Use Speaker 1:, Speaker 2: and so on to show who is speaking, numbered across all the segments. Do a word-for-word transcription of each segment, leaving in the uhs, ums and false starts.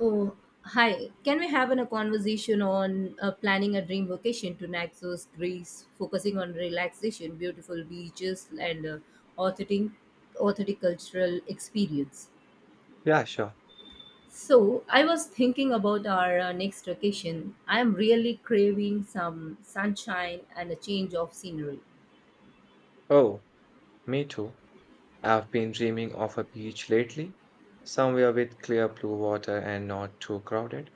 Speaker 1: Oh, hi. Can we have an- a conversation on uh, planning a dream vacation to Naxos, Greece, focusing on relaxation, beautiful beaches, and uh, authentic, authentic cultural experience?
Speaker 2: Yeah, sure.
Speaker 1: So, I was thinking about our uh, next vacation. I'm really craving some sunshine and a change of scenery.
Speaker 2: Oh, me too. I've been dreaming of a beach lately, somewhere with clear blue water and not too crowded.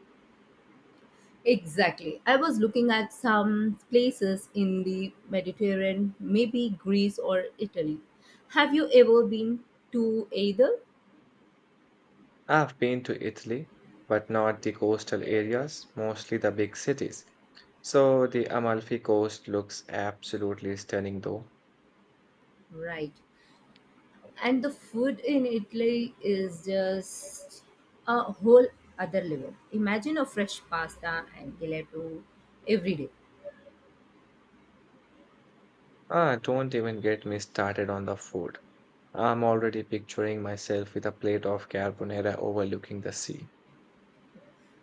Speaker 1: Exactly. I was looking at some places in the Mediterranean, maybe Greece or Italy. Have you ever been to either?
Speaker 2: I've been to Italy, but not the coastal areas, mostly the big cities. So the Amalfi Coast looks absolutely stunning though.
Speaker 1: Right. And the food in Italy is just a whole other level. Imagine a fresh pasta and gelato every day.
Speaker 2: Ah, don't even get me started on the food. I'm already picturing myself with a plate of carbonara overlooking the sea.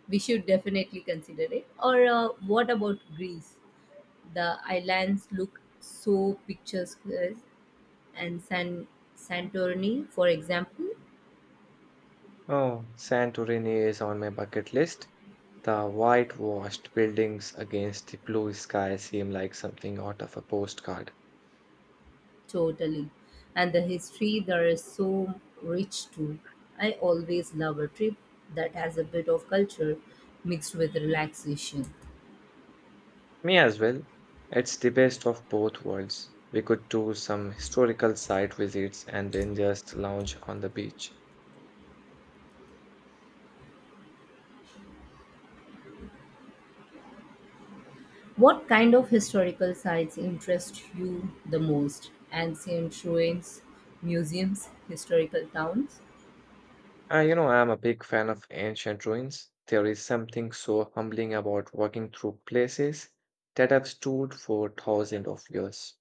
Speaker 1: We should definitely consider it. Or uh, what about Greece? The islands look so picturesque, and San Santorini, for example,
Speaker 2: Oh, Santorini is on my bucket list. The whitewashed buildings against the blue sky seem like something out of a postcard.
Speaker 1: totally. And the history there is so rich too. I always love a trip that has a bit of culture mixed with relaxation.
Speaker 2: Me as well. It's the best of both worlds. We could do some historical site visits and then just lounge on the beach.
Speaker 1: What kind of historical sites interest you the most? Ancient ruins, museums, historical towns?
Speaker 2: Uh, you know, I'm a big fan of ancient ruins. There is something so humbling about walking through places that have stood for thousands of years.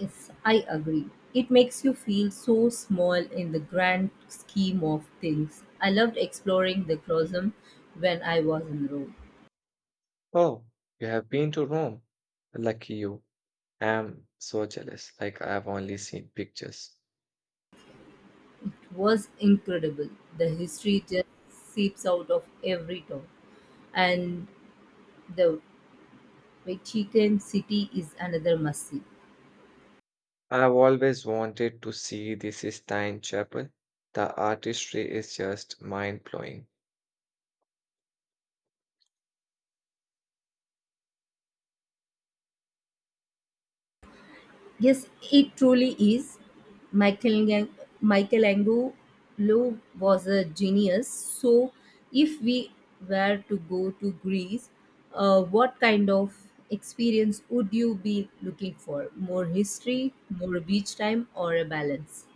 Speaker 1: Yes, I agree. It makes you feel so small in the grand scheme of things. I loved exploring the Colosseum when I was in Rome.
Speaker 2: Oh, you have been to Rome. Lucky you. I'm so jealous. Like, I've only seen pictures.
Speaker 1: Was incredible. The history just seeps out of every town, and the Vatican City is another must see.
Speaker 2: I have always wanted to see the Sistine Chapel. The artistry is just mind blowing.
Speaker 1: Yes, it truly is. Michelang- Michelangelo was a genius. So, if we were to go to Greece, uh, what kind of experience would you be looking for? More history, more beach time, or a balance?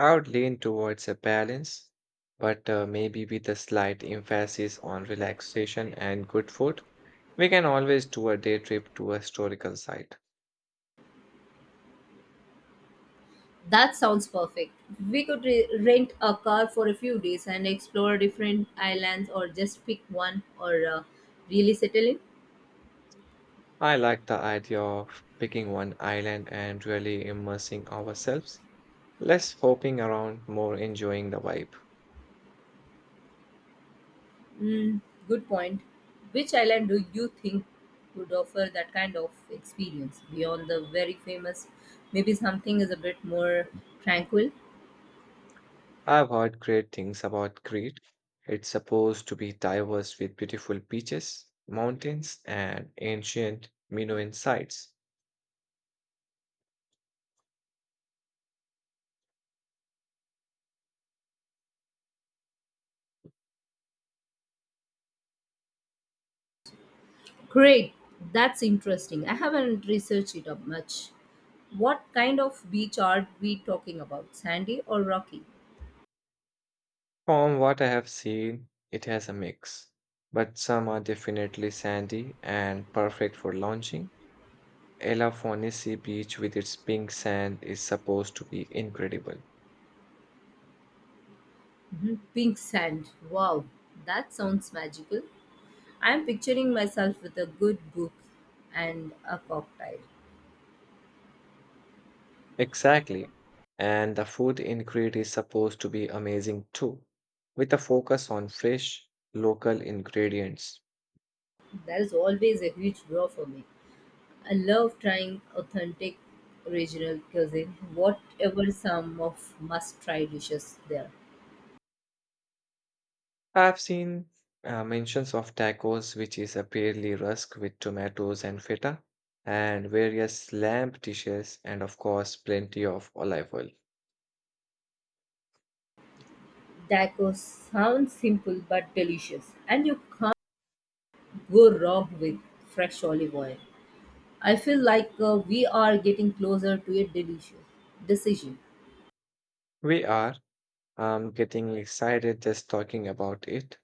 Speaker 2: I would lean towards a balance, but uh, maybe with a slight emphasis on relaxation and good food. We can always do a day trip to a historical site.
Speaker 1: That sounds perfect. We could re- rent a car for a few days and explore different islands or just pick one or uh, really settle in.
Speaker 2: I like the idea of picking one island and really immersing ourselves, less hopping around, more enjoying the vibe.
Speaker 1: Mm, good point. Which island do you think would offer that kind of experience beyond the very famous? Maybe something is a bit more tranquil.
Speaker 2: I've heard great things about Crete. It's supposed to be diverse with beautiful beaches, mountains, and ancient Minoan sites.
Speaker 1: Great. That's interesting. I haven't researched it up much. What kind of beach are we talking about? Sandy or rocky?
Speaker 2: From what I have seen, it has a mix, but some are definitely sandy and perfect for launching. Elafonisi Beach with its pink sand is supposed to be incredible.
Speaker 1: Mhm, pink sand. Wow, that sounds magical. I'm picturing myself with a good book and a cocktail.
Speaker 2: Exactly. And the food in Crete is supposed to be amazing too, with a focus on fresh, local ingredients.
Speaker 1: There's always a huge draw for me. I love trying authentic regional cuisine, whatever some of must try dishes there.
Speaker 2: I've seen uh, mentions of tacos, which is a apparently rusk with tomatoes and feta, and various lamb dishes, and of course, plenty of olive oil.
Speaker 1: Tacos sound simple but delicious, and you can't go wrong with fresh olive oil. I feel like uh, we are getting closer to a delicious decision.
Speaker 2: We are um, getting excited just talking about it.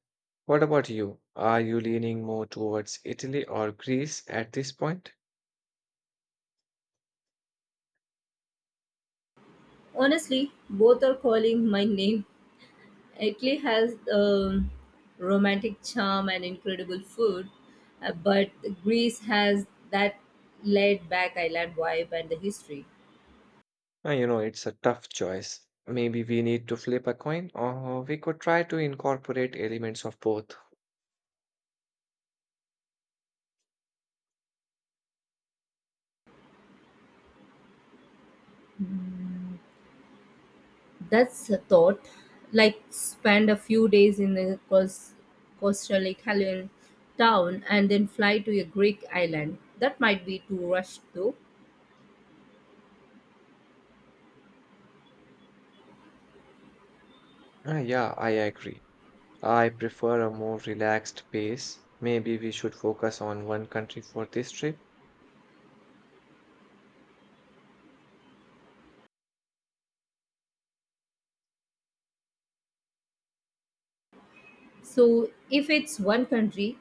Speaker 2: What about you? Are you leaning more towards Italy or Greece at this point?
Speaker 1: Honestly, both are calling my name. Italy has um, romantic charm and incredible food, uh, but Greece has that laid back island vibe and the history.
Speaker 2: Uh, you know, it's a tough choice. Maybe we need to flip a coin, or we could try to incorporate elements of both.
Speaker 1: That's a thought. Like, spend a few days in a cos- coastal Italian town and then fly to a Greek island. That might be too rushed though.
Speaker 2: Uh, yeah, I agree. I prefer a more relaxed pace. Maybe we should focus on one country for this trip.
Speaker 1: So, if it's one country,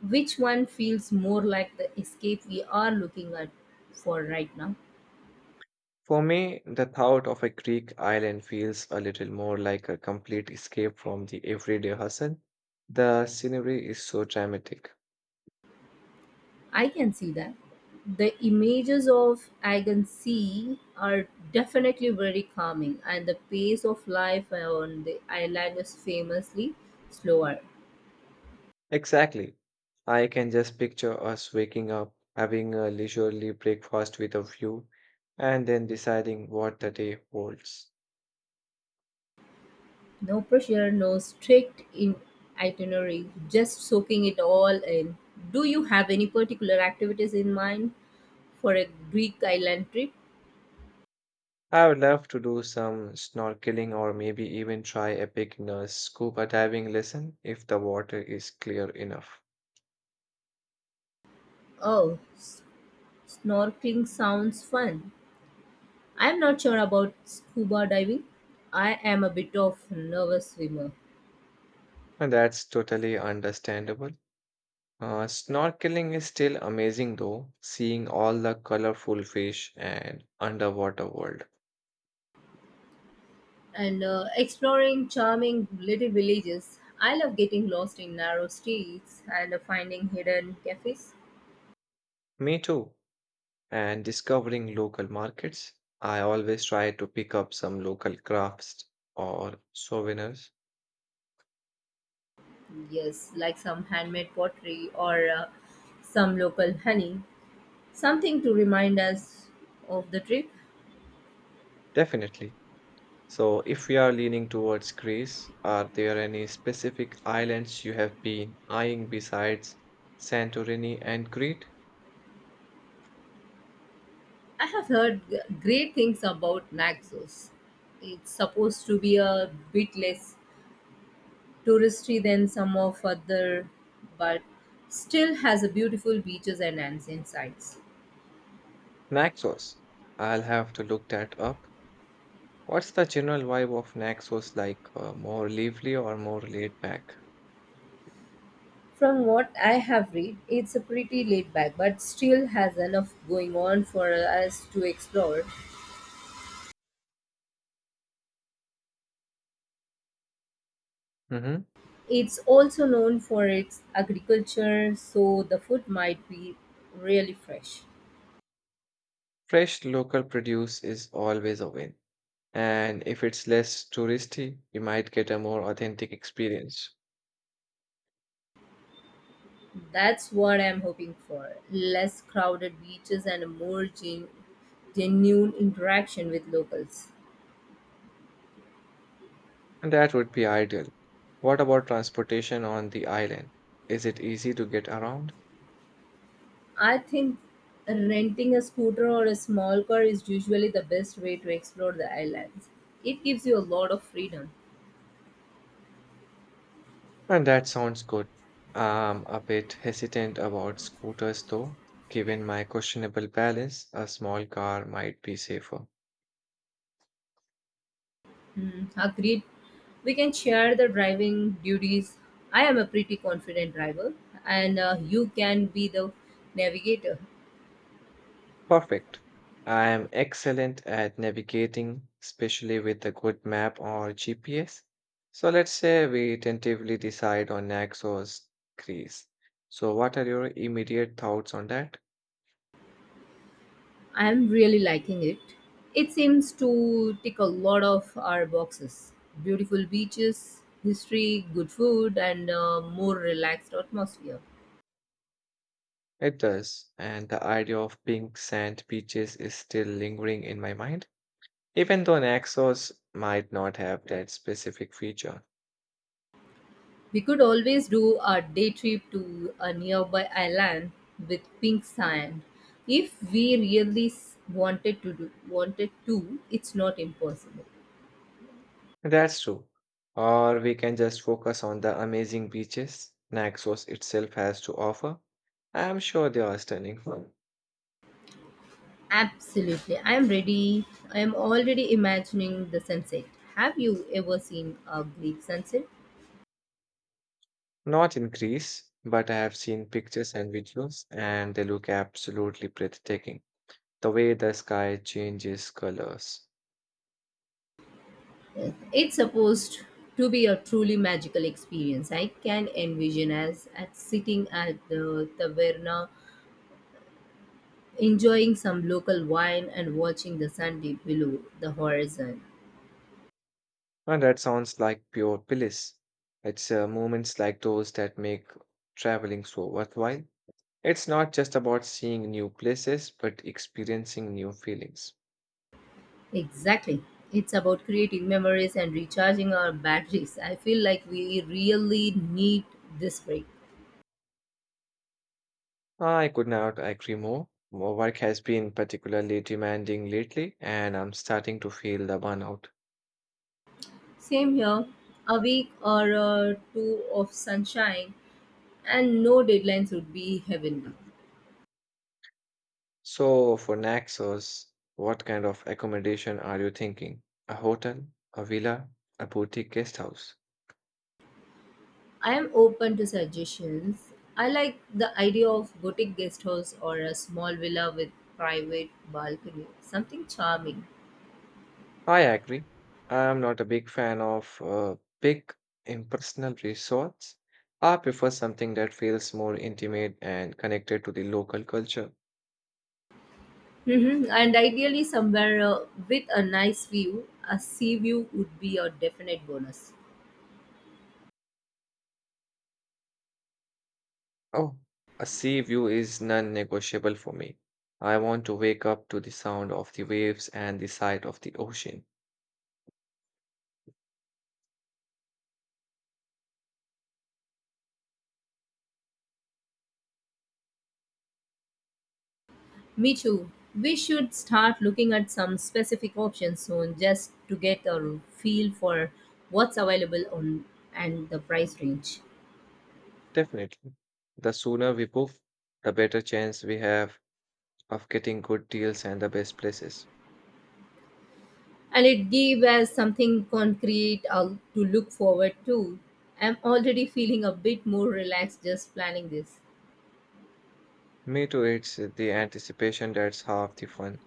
Speaker 1: which one feels more like the escape we are looking at for right now?
Speaker 2: For me, the thought of a Greek island feels a little more like a complete escape from the everyday hustle. The scenery is so dramatic.
Speaker 1: I can see that the images of I can are definitely very calming, and the pace of life on the island is famously slower.
Speaker 2: Exactly. I can just picture us waking up, having a leisurely breakfast with a view, and then deciding what the day holds.
Speaker 1: No pressure, no strict in itinerary, just soaking it all in. Do you have any particular activities in mind for a Greek island trip?
Speaker 2: I would love to do some snorkeling or maybe even try a beginner's scuba diving lesson if the water is clear enough.
Speaker 1: oh s- snorkeling sounds fun. I'm not sure about scuba diving. I am a bit of nervous swimmer
Speaker 2: And that's totally understandable. Uh, snorkeling is still amazing though, seeing all the colorful fish and underwater world.
Speaker 1: and uh, exploring charming little villages. I love getting lost in narrow streets and uh, finding hidden cafes.
Speaker 2: Me too. And discovering local markets. I always try to pick up some local crafts or souvenirs.
Speaker 1: Yes, like some handmade pottery or uh, some local honey. Something to remind us of the trip.
Speaker 2: Definitely. So, if we are leaning towards Greece, are there any specific islands you have been eyeing besides Santorini and Crete?
Speaker 1: I have heard g- great things about Naxos. It's supposed to be a bit less touristy than some of other, but still has a beautiful beaches and ancient sites.
Speaker 2: Naxos. I'll have to look that up. What's the general vibe of Naxos like? Uh, more lively or more laid back?
Speaker 1: From what I have read, it's a pretty laid back, but still has enough going on for us to explore.
Speaker 2: Hmm.
Speaker 1: It's also known for its agriculture, so the food might be really fresh.
Speaker 2: Fresh local produce is always a win. And if it's less touristy, you might get a more authentic experience.
Speaker 1: That's what I'm hoping for. Less crowded beaches and a more gen- genuine interaction with locals.
Speaker 2: And that would be ideal. What about transportation on the island? Is it easy to get around?
Speaker 1: I think renting a scooter or a small car is usually the best way to explore the islands. It gives you a lot of freedom.
Speaker 2: And that sounds good. I'm a bit hesitant about scooters though. Given my questionable balance, a small car might be safer.
Speaker 1: Hmm, agreed. We can share the driving duties. I am a pretty confident driver, and uh, you can be the navigator.
Speaker 2: Perfect. I am excellent at navigating, especially with a good map or G P S. So let's say we tentatively decide on Naxos, Greece. So what are your immediate thoughts on that?
Speaker 1: I am really liking it. It seems to tick a lot of our boxes: beautiful beaches, history, good food, and uh, more relaxed atmosphere.
Speaker 2: It does, and the idea of pink sand beaches is still lingering in my mind. Even though Naxos might not have that specific feature.
Speaker 1: We could always do a day trip to a nearby island with pink sand. If we really s- wanted to do wanted to, it's not impossible.
Speaker 2: That's true. Or we can just focus on the amazing beaches Naxos itself has to offer. I am sure they are stunning.
Speaker 1: Absolutely. I am ready. I am already imagining the sunset. Have you ever seen a Greek sunset?
Speaker 2: Not in Greece, but I have seen pictures and videos, and they look absolutely breathtaking. The way the sky changes colors.
Speaker 1: It's supposed to be a truly magical experience. I can envision us at sitting at the taverna enjoying some local wine and watching the sun dip below the horizon.
Speaker 2: And that sounds like pure bliss. It's uh, moments like those that make traveling so worthwhile. It's not just about seeing new places, but experiencing new feelings.
Speaker 1: Exactly. It's about creating memories and recharging our batteries. I feel like we really need this break.
Speaker 2: I could not agree more. My work has been particularly demanding lately, and I'm starting to feel the burnout.
Speaker 1: Same here. A week or uh, two of sunshine and no deadlines would be heavenly.
Speaker 2: So, for Naxos, what kind of accommodation are you thinking? A hotel, a villa, a boutique guest house?
Speaker 1: I am open to suggestions. I like the idea of boutique guest house or a small villa with private balcony. Something charming.
Speaker 2: I agree. I'm not a big fan of uh, big impersonal resorts. I prefer something that feels more intimate and connected to the local culture.
Speaker 1: Hmm, and ideally, somewhere uh, with a nice view, a sea view would be a definite bonus.
Speaker 2: Oh, a sea view is non-negotiable for me. I want to wake up to the sound of the waves and the sight of the ocean.
Speaker 1: Me too. We should start looking at some specific options soon just to get a feel for what's available on and the price range.
Speaker 2: Definitely. The sooner we book, the better chance we have of getting good deals and the best places.
Speaker 1: And it gave us something concrete uh, to look forward to. I'm already feeling a bit more relaxed just planning this.
Speaker 2: Me too, it's the anticipation that's half the fun.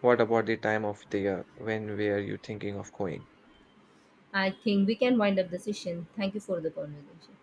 Speaker 2: What about the time of the year? When were you thinking of going?
Speaker 1: I think we can wind up the session. Thank you for the conversation.